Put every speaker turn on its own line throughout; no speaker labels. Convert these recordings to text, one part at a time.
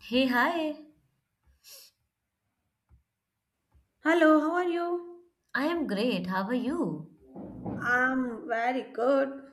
Hey, hi.
Hello, how are you?
I am great. How are you?
I'm very good.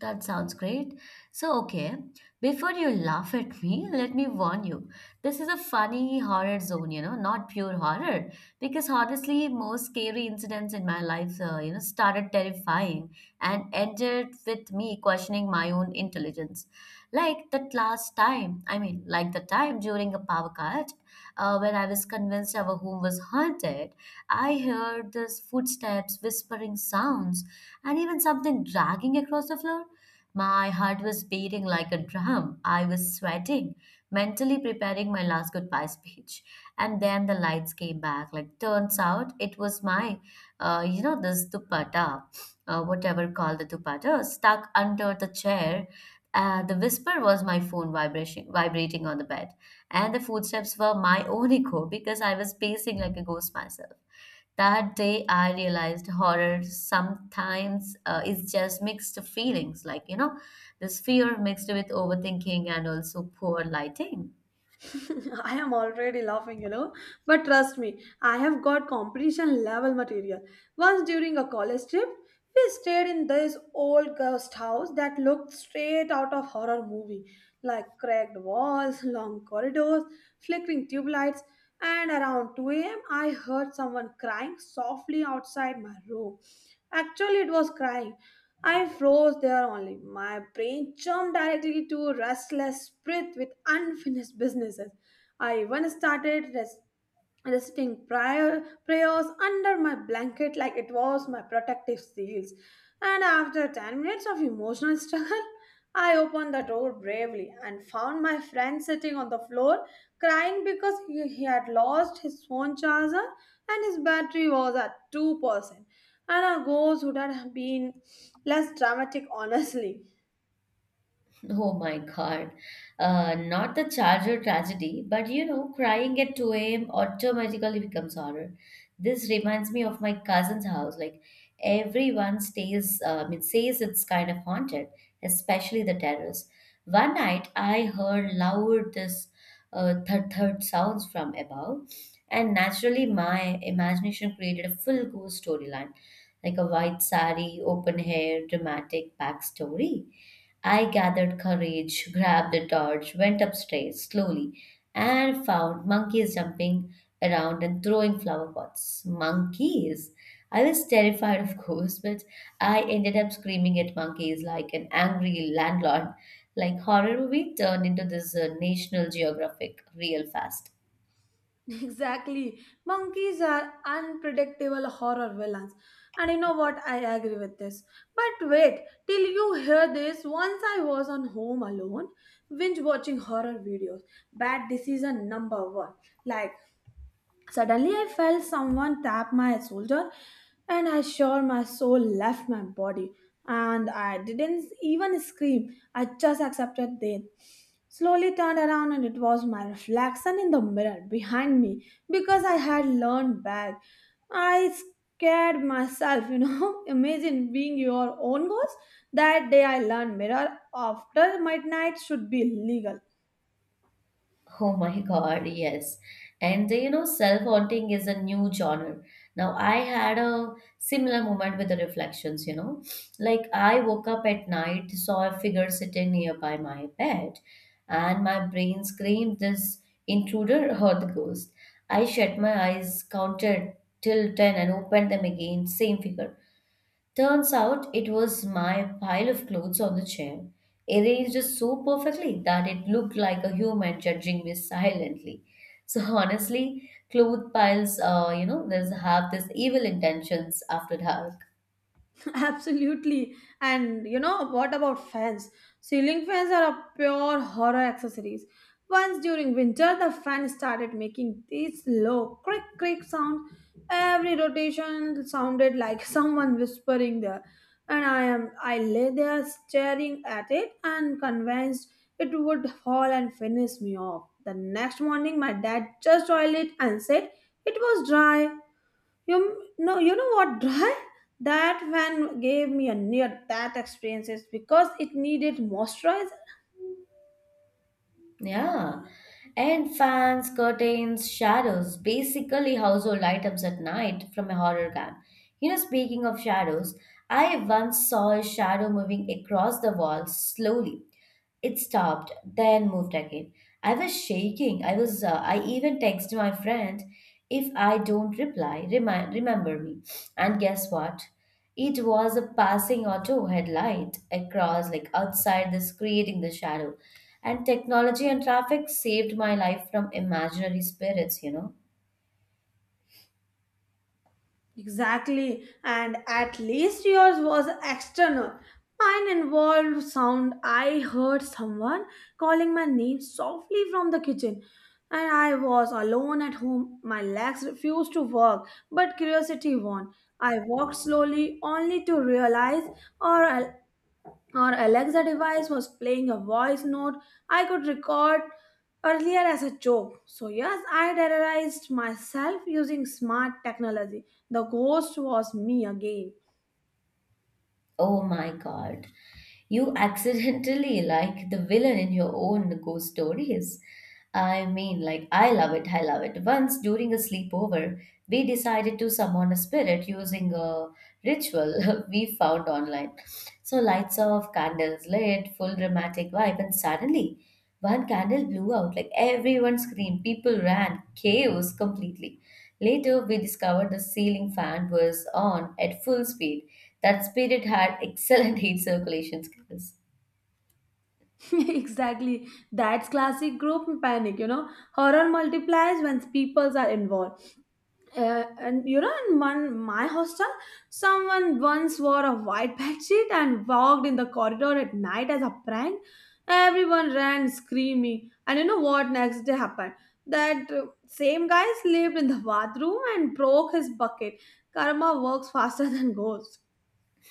That sounds great. So, okay, before you laugh at me, let me warn you. This is a funny horror zone, you know, not pure horror. Because honestly, most scary incidents in my life, you know, started terrifying and ended with me questioning my own intelligence. Like that last time, I mean, like the time during a power cut, when I was convinced our home was haunted, I heard these footsteps, whispering sounds, and even something dragging across the floor. My heart was beating like a drum. I was sweating, mentally preparing my last goodbye speech. And then the lights came back. Like, turns out it was my, you know, this dupatta, whatever called the dupatta, stuck under the chair. The whisper was my phone vibration, vibrating on the bed. And the footsteps were my own echo because I was pacing like a ghost myself. That day, I realized horror sometimes is just mixed feelings, like, you know, this fear mixed with overthinking and also poor lighting.
I am already laughing, you know. But trust me, I have got competition level material. Once during a college trip, we stayed in this old ghost house that looked straight out of horror movie, like cracked walls, long corridors, flickering tube lights, and around 2 a.m. I heard someone crying softly outside my room. Actually, it was crying. I froze there only. My brain jumped directly to restless spirit with unfinished businesses. I even reciting prior prayers under my blanket like it was my protective seals. And after 10 minutes of emotional struggle, I opened the door bravely and found my friend sitting on the floor crying because he had lost his phone charger and his battery was at 2%. And our goals would have been less dramatic, honestly.
Oh my God. Not the charger tragedy, but you know, crying at 2 a.m. automatically becomes horror. This reminds me of my cousin's house. Like everyone stays, I mean, says it's kind of haunted, especially the terrace. One night, I heard loud this thud thud sounds from above, and naturally, my imagination created a full ghost storyline, like a white sari, open hair, dramatic backstory. I gathered courage, grabbed a torch, went upstairs slowly, and found monkeys jumping around and throwing flower pots. Monkeys? I was terrified, of course, but I ended up screaming at monkeys like an angry landlord. Like horror movie turned into this National Geographic real fast.
Exactly. Monkeys are unpredictable horror villains. And you know what? I agree with this. But wait, till you hear this, once I was on home alone, binge watching horror videos. Bad decision number one. Like, Suddenly, I felt someone tap my shoulder, and I sure my soul left my body. And I didn't even scream, I just accepted it. Slowly turned around, and it was my reflection in the mirror behind me because I had learned back. I scared myself, you know. Imagine being your own ghost. That day, I learned mirror after midnight should be legal.
Oh my God, yes. And the, you know, self-haunting is a new genre. Now, I had a similar moment with the reflections, you know. Like, I woke up at night, saw a figure sitting nearby my bed, and my brain screamed, "This intruder or the ghost." I shut my eyes, counted till 10, and opened them again, same figure. Turns out it was my pile of clothes on the chair, arranged so perfectly that it looked like a human judging me silently. So honestly, cloth piles, you know, there's have this evil intentions after dark.
Absolutely. And you know, what about fans? Ceiling fans are a pure horror accessories. Once during winter, the fan started making this low crick crick sound. Every rotation sounded like someone whispering there. And I lay there staring at it and convinced it would fall and finish me off. The next morning my dad just oiled it and said it was dry you know what, dry? That van gave me a near that experience because it needed moisturizer.
Yeah. And fans, curtains, shadows, basically household items at night from a horror game. You know, speaking of shadows, I once saw a shadow moving across the wall slowly. It stopped, then moved again. I was shaking. I was. I even texted my friend, "If I don't reply, remember me." And guess what? It was a passing auto headlight across, like outside this, creating the shadow. And technology and traffic saved my life from imaginary spirits. You know.
Exactly, and at least yours was external. Mine involved sound. I heard someone calling my name softly from the kitchen, and I was alone at home. My legs refused to work, but curiosity won. I walked slowly, only to realize or our Alexa device was playing a voice note I could record earlier as a joke. So, yes, I terrorized myself using smart technology. The ghost was me again.
Oh my god. You accidentally like the villain in your own ghost stories. I mean, like, I love it. Once during a sleepover, we decided to summon a spirit using a ritual we found online. So, lights off, candles lit, full dramatic vibe, and suddenly one candle blew out, like everyone screamed, people ran, chaos completely. Later, we discovered the ceiling fan was on at full speed. That spirit had excellent heat circulation skills.
Exactly. That's classic group panic, you know. Horror multiplies when people are involved. And you know, in one my hostel, someone once wore a white bedsheet and walked in the corridor at night as a prank. Everyone ran screaming, and you know what next day happened? That same guy slept in the bathroom and broke his bucket. Karma works faster than ghosts.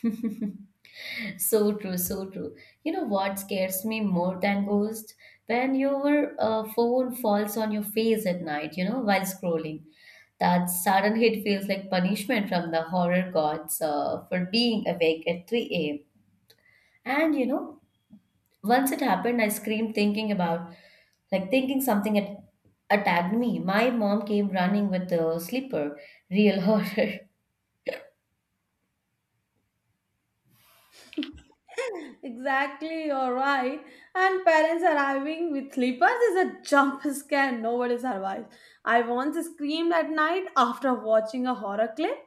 So true, so true. You know what scares me more than ghosts? When your phone falls on your face at night, you know, while scrolling. That sudden hit feels like punishment from the horror gods for being awake at 3 a.m. And you know, once it happened, I screamed thinking about, like thinking something had attacked me. My mom came running with the slipper, real horror.
Exactly, you're right. And parents arriving with slippers is a jump scare nobody survives. I once screamed at night after watching a horror clip,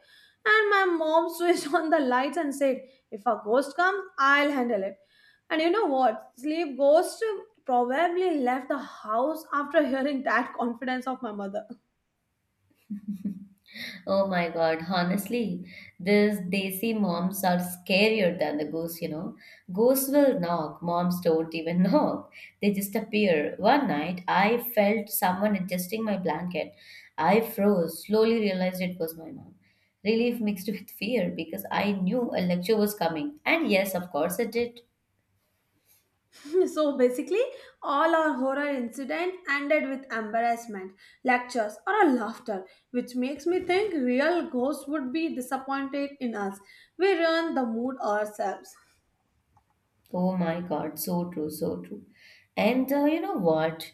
and my mom switched on the lights and said, "If a ghost comes, I'll handle it." And you know what? Sleep ghost probably left the house after hearing that confidence of my mother.
Oh my God, honestly, these desi moms are scarier than the ghosts, you know. Ghosts will knock, moms don't even knock. They just appear. One night, I felt someone adjusting my blanket. I froze, slowly realized it was my mom. Relief mixed with fear because I knew a lecture was coming. And yes, of course, it did.
So basically, all our horror incident ended with embarrassment, lectures, or a laughter, which makes me think real ghosts would be disappointed in us. We ruin the mood ourselves.
Oh my God, so true, so true. And you know what?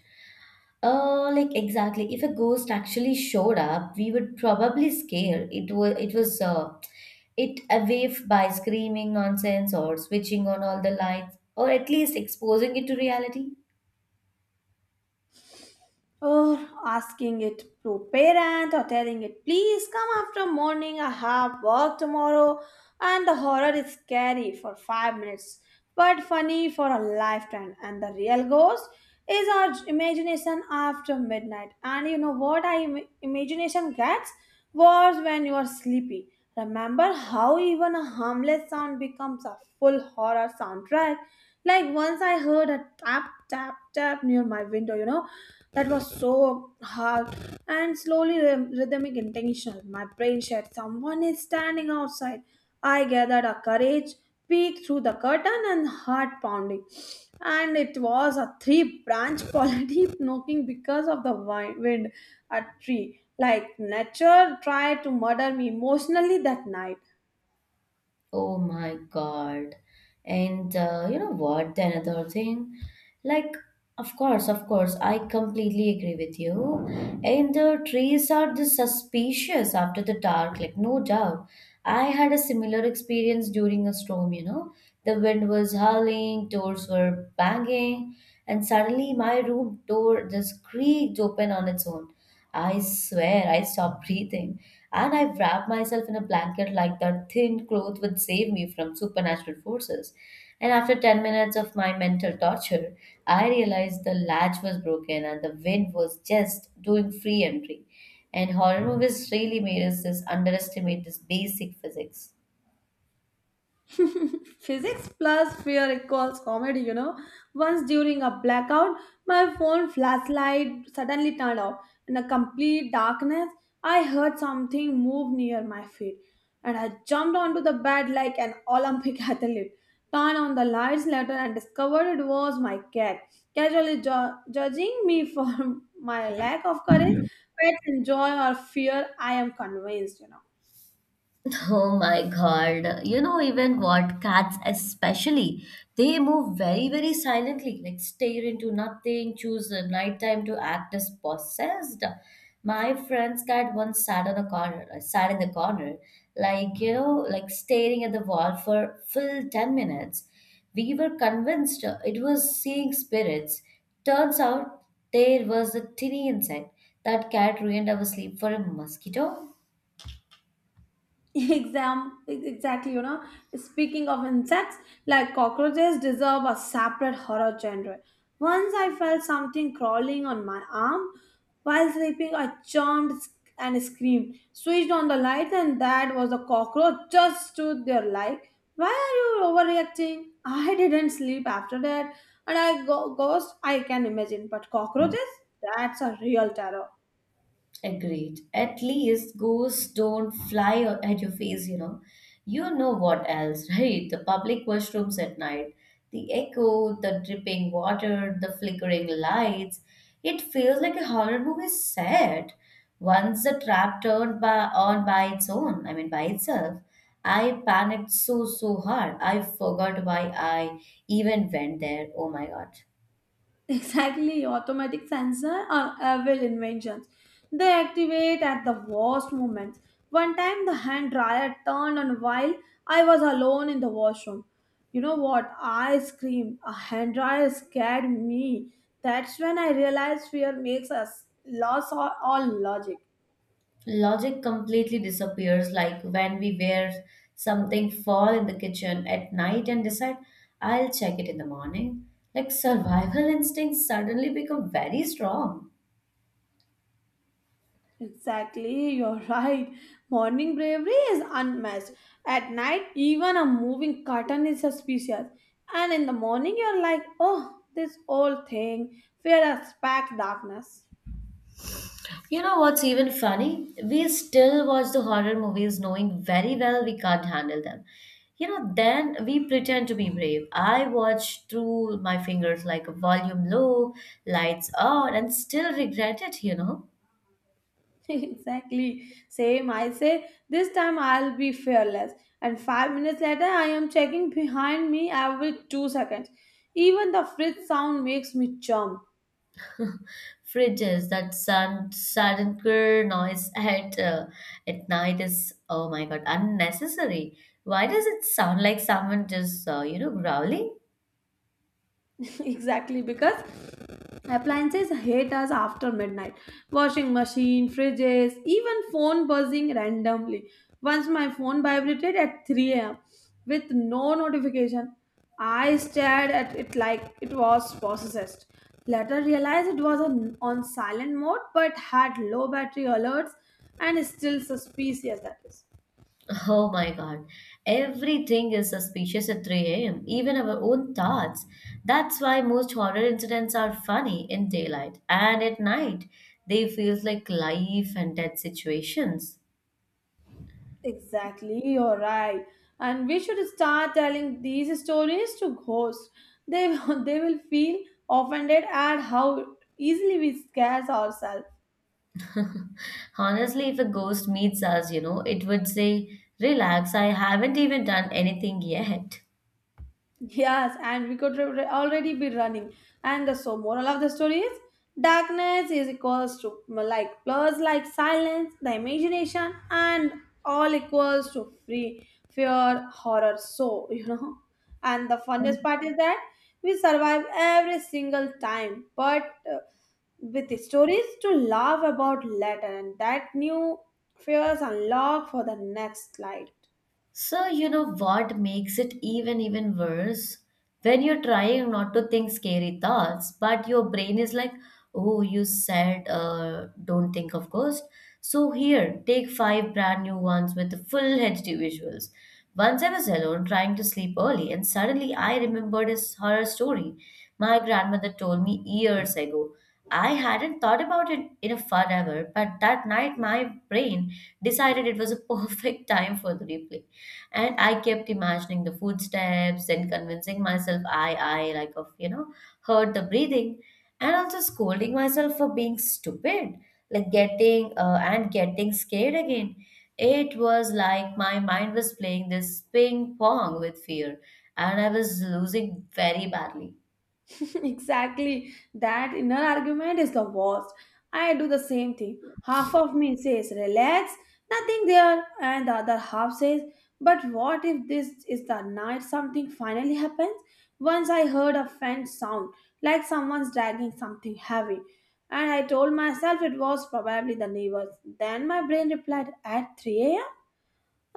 Like exactly. If a ghost actually showed up, we would probably scare. It away by screaming nonsense or switching on all the lights or at least exposing it to reality.
Or asking it to parent or telling it please come after morning, I have work tomorrow. And the horror is scary for 5 minutes but funny for a lifetime. And the real ghost is our imagination after midnight. And you know what, our imagination gets wars when you are sleepy. Remember how even a harmless sound becomes a full horror soundtrack? Like once I heard a tap, tap, tap near my window, you know, that was so hard and slowly rhythmic intentional. My brain said, someone is standing outside. I gathered a courage, peeked through the curtain, and heart pounding. And it was a three branch polyp knocking because of the wind a tree. Like nature tried to murder me emotionally that night.
Oh my God. And you know what? The another thing, like, of course, I completely agree with you. And the trees are just suspicious after the dark, like, no doubt. I had a similar experience during a storm, you know. The wind was howling, doors were banging, and suddenly my room door just creaked open on its own. I swear I stopped breathing. And I've wrapped myself in a blanket like that thin cloth would save me from supernatural forces. And after 10 minutes of my mental torture, I realized the latch was broken and the wind was just doing free entry. And horror movies really made us just underestimate this basic physics.
Physics plus fear equals comedy, you know. Once during a blackout, my phone flashlight suddenly turned off. In a complete darkness, I heard something move near my feet, and I jumped onto the bed like an Olympic athlete. Turned on the lights later and discovered it was my cat, casually judging me for my lack of courage. Pets enjoy or fear, I am convinced, you know.
Oh my God. You know, even what cats especially, they move very, very silently, like stare into nothing, choose the nighttime to act as possessed. My friend's cat once sat in the corner, like, you know, like staring at the wall for full 10 minutes. We were convinced it was seeing spirits. Turns out there was a tiny insect. That cat ruined our sleep for a mosquito.
Exactly, you know, speaking of insects, like cockroaches deserve a separate horror genre. Once I felt something crawling on my arm while sleeping. I jumped, sc- and screamed, switched on the light, and that was a cockroach just stood there like why are you overreacting. I didn't sleep after that. And I go ghost I can imagine, but cockroaches, that's a real terror.
Agreed. At least ghosts don't at your face, you know. You know what else, right? The public washrooms at night, the echo, the dripping water, the flickering lights. It feels like a horror movie set. Once the trap on by its own, I mean by itself, I panicked so, so hard. I forgot why I even went there. Oh my God.
Exactly, automatic sensor are evil inventions. They activate at the worst moments. One time the hand dryer turned on while I was alone in the washroom. You know what? I screamed. A hand dryer scared me. That's when I realized fear makes us lose all logic.
Logic completely disappears, like when we wear something fall in the kitchen at night and decide, I'll check it in the morning. Like survival instincts suddenly become very strong.
Exactly, you're right. Morning bravery is unmatched. At night, even a moving curtain is suspicious. And in the morning, you're like, oh, this old thing, fear has packed darkness.
You know what's even funny? We still watch the horror movies knowing very well we can't handle them. You know, then we pretend to be brave. I watch through my fingers like volume low, lights on, and still regret it, you know.
Exactly. Same, I say, this time I'll be fearless. And 5 minutes later, I am checking behind me every 2 seconds. Even the fridge sound makes me jump.
Fridges that sand saddenker noise at night is oh my god unnecessary. Why does it sound like someone just you know growling.
Exactly, because appliances hate us after midnight. Washing machine, fridges, even phone buzzing randomly. Once my phone vibrated at 3 a.m. with no notification. I stared at it like it was possessed. Later realized it was on silent mode but had low battery alerts and still suspicious that is.
Oh my god, everything is suspicious at 3 a.m, even our own thoughts. That's why most horror incidents are funny in daylight, and at night they feel like life and death situations.
Exactly, you're right. And we should start telling these stories to ghosts. They, they will feel offended at how easily we scare ourselves.
Honestly, if a ghost meets us, you know, it would say, "Relax, I haven't even done anything yet."
Yes, and we could already be running. And the so moral of the story is darkness is equals to like plus like silence, the imagination, and all equals to free fear, horror. So you know, and the funniest part is that we survive every single time, but uh, with the stories to laugh about later, and that new fears unlock for the next life.
So, you know what makes it even worse? When you're trying not to think scary thoughts, but your brain is like, "Oh, you said don't think of ghost. So here, take five brand new ones with the full HD visuals." Once I was alone trying to sleep early, and suddenly I remembered a horror story my grandmother told me years ago. I hadn't thought about it in a forever, but that night my brain decided it was a perfect time for the replay. And I kept imagining the footsteps and convincing myself I like of you know heard the breathing, and also scolding myself for being stupid, like getting scared again. It was like my mind was playing this ping pong with fear, and I was losing very badly.
Exactly. That inner argument is the worst. I do the same thing. Half of me says, relax, nothing there. And the other half says, but what if this is the night something finally happens? Once I heard a faint sound, like someone's dragging something heavy. And I told myself it was probably the neighbors. Then my brain replied, at 3 a.m.?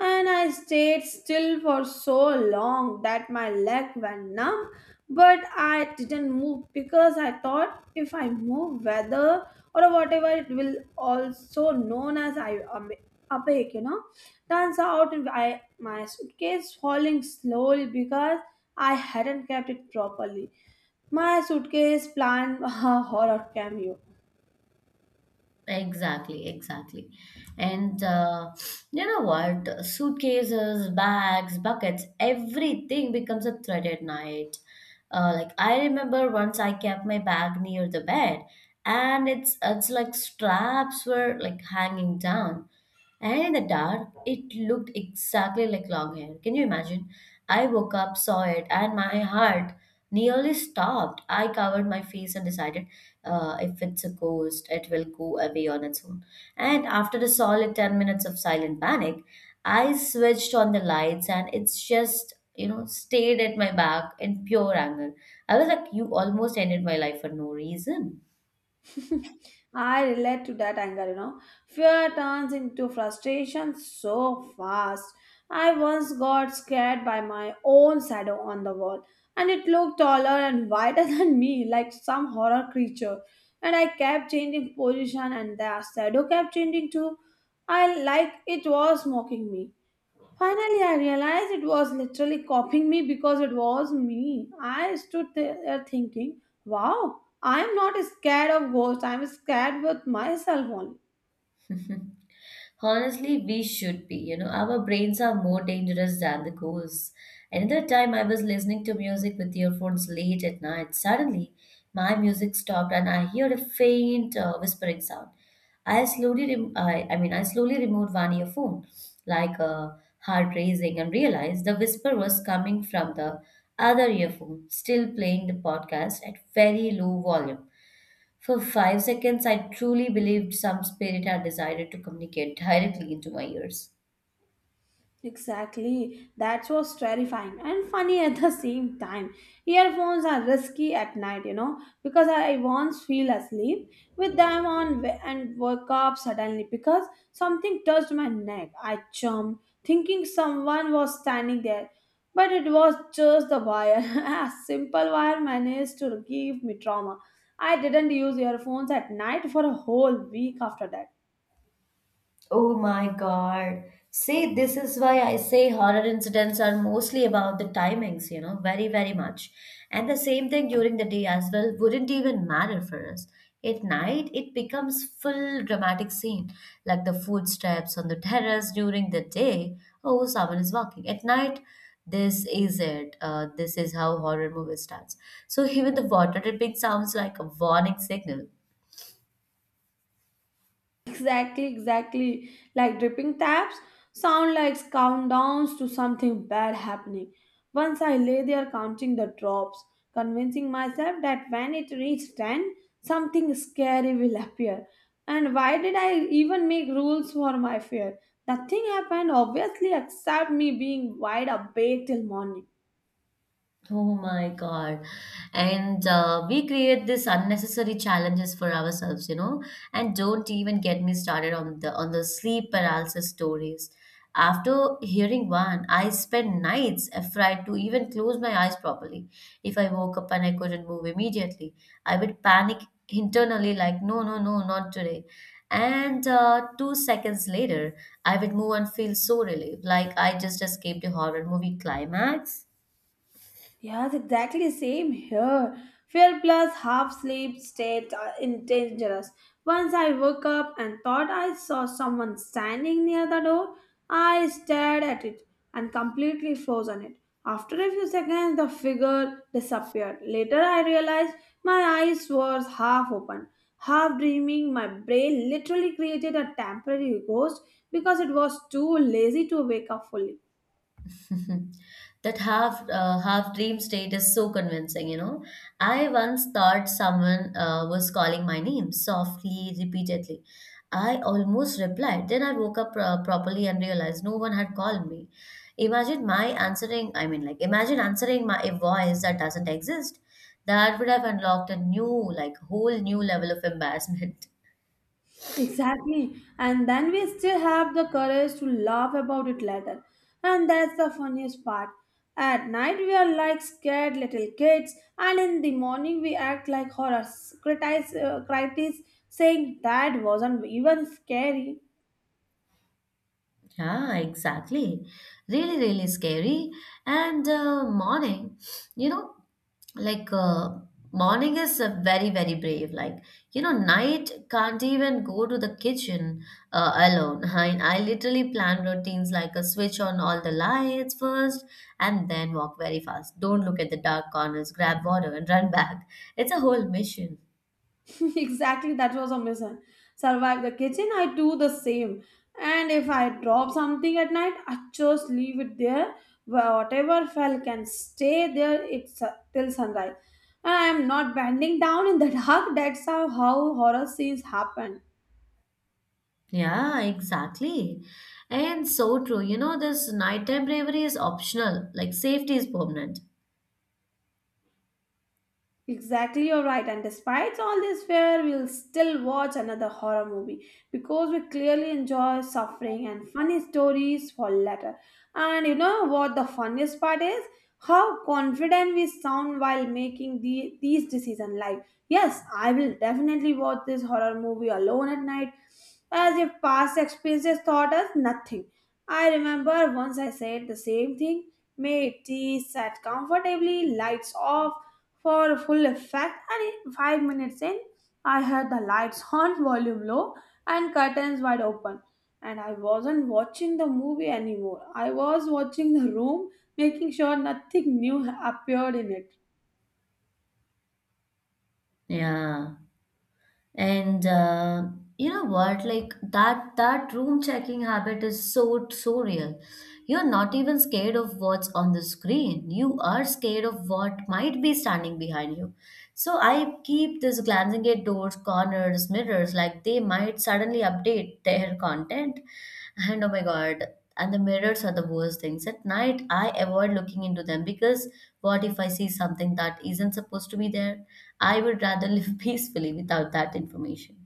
And I stayed still for so long that my leg went numb, but I didn't move because I thought if I move, whether or whatever it will also known as I awake, you know. Turns out I my suitcase falling slowly because I hadn't kept it properly. My suitcase planned a horror cameo.
Exactly, exactly. And you know what? Suitcases, bags, buckets, everything becomes a threat at night. Like I remember once I kept my bag near the bed, and it's like straps were like hanging down. And in the dark, it looked exactly like long hair. Can you imagine? I woke up, saw it, and my heart nearly stopped. I covered my face and decided if it's a ghost, it will go away on its own. And after a solid 10 minutes of silent panic, I switched on the lights and it's just, you know, stayed at my back in pure anger. I was like, you almost ended my life for no reason.
I relate to that anger, you know. Fear turns into frustration so fast. I once got scared by my own shadow on the wall, and it looked taller and wider than me, like some horror creature. And I kept changing position, and the shadow kept changing too. I like it was mocking me. Finally, I realized it was literally copying me because it was me. I stood there thinking, wow, I'm not scared of ghosts, I'm scared with myself only.
Honestly, we should be. You know, our brains are more dangerous than the goals. Another time, I was listening to music with earphones late at night. Suddenly, my music stopped and I heard a faint whispering sound. I slowly, rem- I mean, I slowly removed one earphone, like heart racing, and realized the whisper was coming from the other earphone, still playing the podcast at very low volume. For 5 seconds, I truly believed some spirit had decided to communicate directly into my ears.
Exactly. That was terrifying and funny at the same time. Earphones are risky at night, you know, because I once feel asleep with them on and woke up suddenly because something touched my neck. I jumped, thinking someone was standing there, but it was just the wire. A simple wire managed to give me trauma. I didn't use earphones at night for a whole week after that.
Oh my God. See, this is why I say horror incidents are mostly about the timings, you know, very, very much. And the same thing during the day as well wouldn't even matter for us. At night, it becomes full dramatic scene, like the footsteps on the terrace during the day. Oh, someone is walking. At night, this is it. This is how horror movie starts. So even the water dripping sounds like a warning signal.
Exactly, exactly. Like dripping taps sound like countdowns to something bad happening. Once I lay there counting the drops, convincing myself that when it reached 10, something scary will appear. And why did I even make rules for my fear? Nothing happened, obviously, except me being wide awake till morning.
Oh my God. And we create this unnecessary challenges for ourselves, you know. And don't even get me started on the sleep paralysis stories. After hearing one, I spent nights afraid to even close my eyes properly. If I woke up and I couldn't move immediately, I would panic internally like, no, no, no, not today. And two seconds later, I would move and feel so relieved, like I just escaped a horror movie climax.
Yes, exactly same here. Fear plus half sleep state are in dangerous. Once I woke up and thought I saw someone standing near the door. I stared at it and completely froze on it. After a few seconds, the figure disappeared. Later, I realized my eyes were half open, half dreaming. My brain literally created a temporary ghost because it was too lazy to wake up fully.
That half half dream state is so convincing, you know. I once thought someone was calling my name softly, repeatedly. I almost replied, then I woke up properly and realized no one had called me. Imagine my answering i mean like imagine answering my a voice that doesn't exist. That would have unlocked a new like whole new level of embarrassment.
Exactly. And then we still have the courage to laugh about it later. And that's the funniest part. At night, we are like scared little kids, and in the morning, we act like horrors, critics, critics saying that wasn't even scary.
Yeah, exactly. Really, really scary. And morning, you know, like morning is very, very brave. Like, you know, night can't even go to the kitchen alone. I literally plan routines, like a switch on all the lights first and then walk very fast. Don't look at the dark corners, grab water and run back. It's a whole mission.
Exactly, that was a mission. Survive the kitchen. I do the same. And if I drop something at night, I just leave it there. Whatever fell can stay there it's till sunrise. And I am not bending down in the dark. That's how horror scenes happen.
Yeah, exactly. And so true. You know, this nighttime bravery is optional, like safety is permanent.
Exactly, you're right. And despite all this fear, we'll still watch another horror movie because we clearly enjoy suffering and funny stories for later. And you know what the funniest part is? How confident we sound while making these decisions. Like, yes, I will definitely watch this horror movie alone at night, as if past experiences taught us nothing. I remember once I said the same thing. Made tea, sat comfortably, lights off for full effect, and in 5 minutes in, I had the lights on, volume low, and curtains wide open. And I wasn't watching the movie anymore. I was watching the room, making sure nothing new appeared in it.
Yeah. And you know what? Like that room checking habit is so, so real. You're not even scared of what's on the screen. You are scared of what might be standing behind you. So I keep this glancing at doors, corners, mirrors, like they might suddenly update their content. And oh my God, and the mirrors are the worst things at night. I avoid looking into them because what if I see something that isn't supposed to be there? I would rather live peacefully without that information.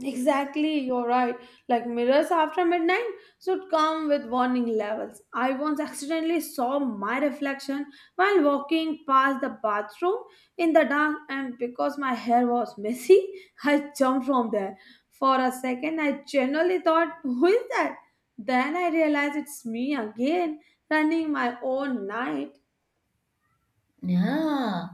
Exactly, you're right. Like mirrors after midnight should come with warning levels. I once accidentally saw my reflection while walking past the bathroom in the dark, and because my hair was messy, I jumped from there. For a second, I genuinely thought, "Who is that?" Then I realized it's me again, running my own night.
Yeah,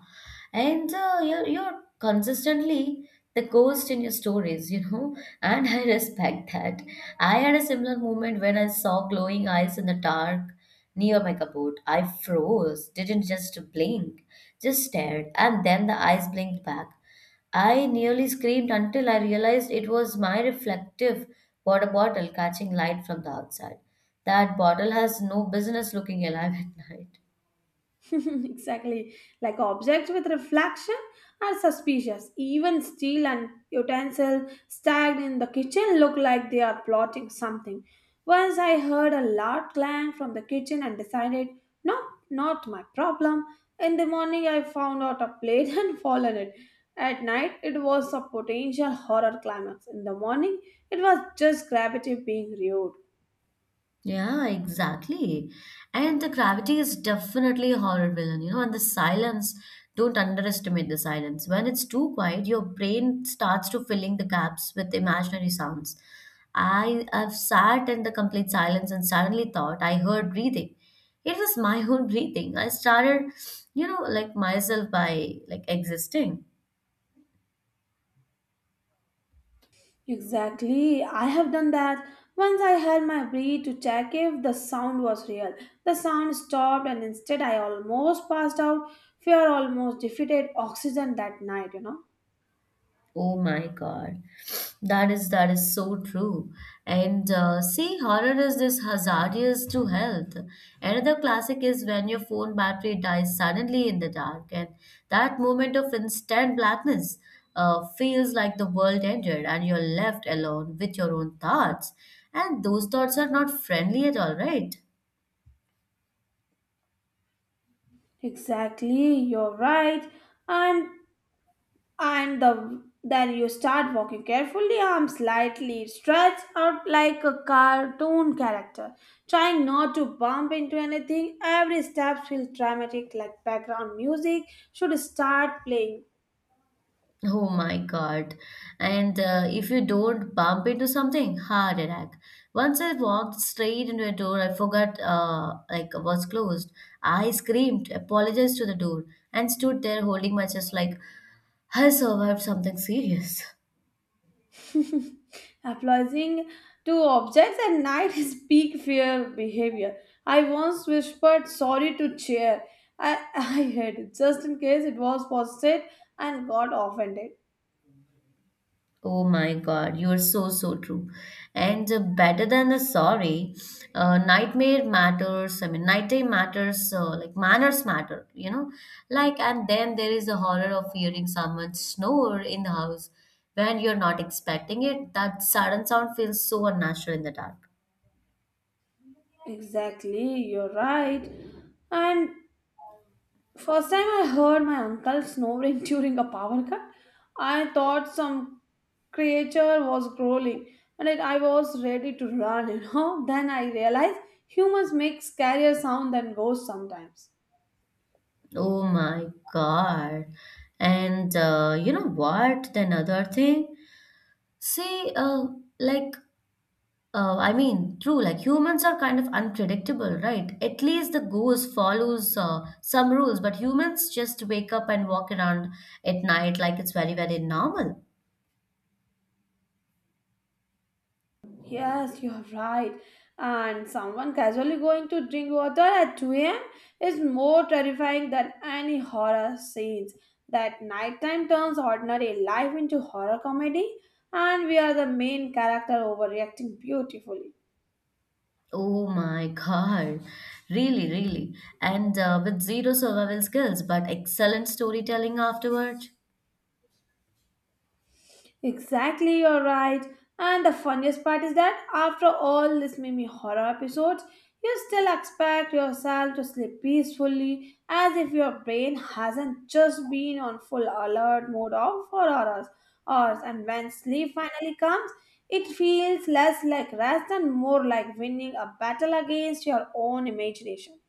and you're consistently the ghost in your stories, you know, and I respect that. I had a similar moment when I saw glowing eyes in the dark near my cupboard. I froze, didn't just blink, just stared, and then the eyes blinked back. I nearly screamed until I realized it was my reflective water bottle catching light from the outside. That bottle has no business looking alive at night.
Exactly. Like objects with reflection are suspicious. Even steel and utensils stacked in the kitchen look like they are plotting something. Once I heard a loud clang from the kitchen and decided, no, not my problem. In the morning, I found out a plate and fallen it. At night, it was a potential horror climax. In the morning, it was just gravity being rude.
Yeah, exactly. And the gravity is definitely a horror villain, you know, and the silence, don't underestimate the silence. When it's too quiet, your brain starts to filling the gaps with imaginary sounds. I have sat in the complete silence and suddenly thought I heard breathing. It was my own breathing. I started, you know, like myself by like existing.
Exactly. I have done that. Once I held my breath to check if the sound was real. The sound stopped, and instead, I almost passed out. Fear almost defeated oxygen that night, you know.
Oh my God. That is so true. And see, horror is this hazardous to health. Another classic is when your phone battery dies suddenly in the dark, and that moment of instant blackness feels like the world ended, and you're left alone with your own thoughts. And those thoughts are not friendly at all, right?
Exactly. You're right. And then you start walking carefully, arms slightly stretched out like a cartoon character, trying not to bump into anything. Every step feels dramatic, like background music should start playing.
Oh my God. And if you don't bump into something, heart attack. Once I walked straight into a door I forgot was closed. I screamed, apologized to the door, and stood there holding my chest like I survived something serious.
Applausion to objects at night is peak fear behavior. I once whispered sorry to chair. I hid it just in case it was posted and got offended.
Oh my God, you're so, so true. And better than the sorry, nightmare matters. I mean, nighttime matters, like manners matter, you know? Like, and then there is the horror of hearing someone snore in the house when you're not expecting it. That sudden sound feels so unnatural in the dark.
Exactly, you're right. And first time I heard my uncle snoring during a power cut, I thought some creature was growling and it, I was ready to run, you know. Then I realized humans make scarier sound than ghosts sometimes.
Oh my God. And you know what? The another thing, see, like true, like humans are kind of unpredictable, right? At least the goose follows some rules, but humans just wake up and walk around at night like it's very, very normal.
Yes, you're right. And someone casually going to drink water at 2 a.m. is more terrifying than any horror scenes. That nighttime turns ordinary life into horror comedy, and we are the main character overreacting beautifully.
Oh my God. Really, really. And with zero survival skills, but excellent storytelling afterward.
Exactly, you're right. And the funniest part is that after all these mimi horror episodes, you still expect yourself to sleep peacefully as if your brain hasn't just been on full alert mode of for hours. And when sleep finally comes, it feels less like rest and more like winning a battle against your own imagination.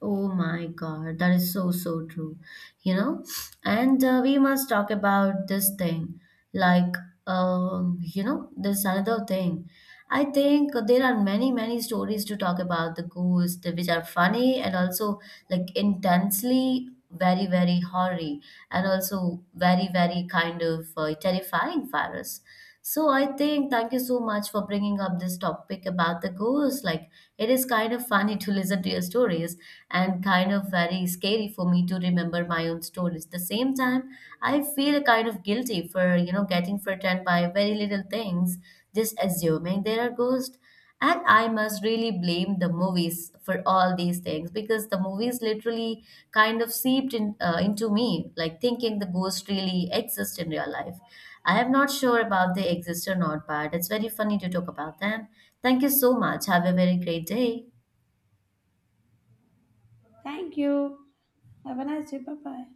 Oh my God, that is so, so true. You know, and we must talk about this thing. Like, you know, there's another thing. I think there are many, many stories to talk about the ghost, which are funny and also like intensely very, very horry and also very, very kind of terrifying for us. So I think thank you so much for bringing up this topic about the ghosts. Like it is kind of funny to listen to your stories and kind of very scary for me to remember my own stories. At the same time, I feel kind of guilty for, you know, getting frightened by very little things, just assuming there are ghosts. And I must really blame the movies for all these things because the movies literally kind of seeped in, into me, like thinking the ghost really exists in real life. I am not sure about they exist or not, but it's very funny to talk about them. Thank you so much. Have a very great day.
Thank you. Have a nice day. Bye bye.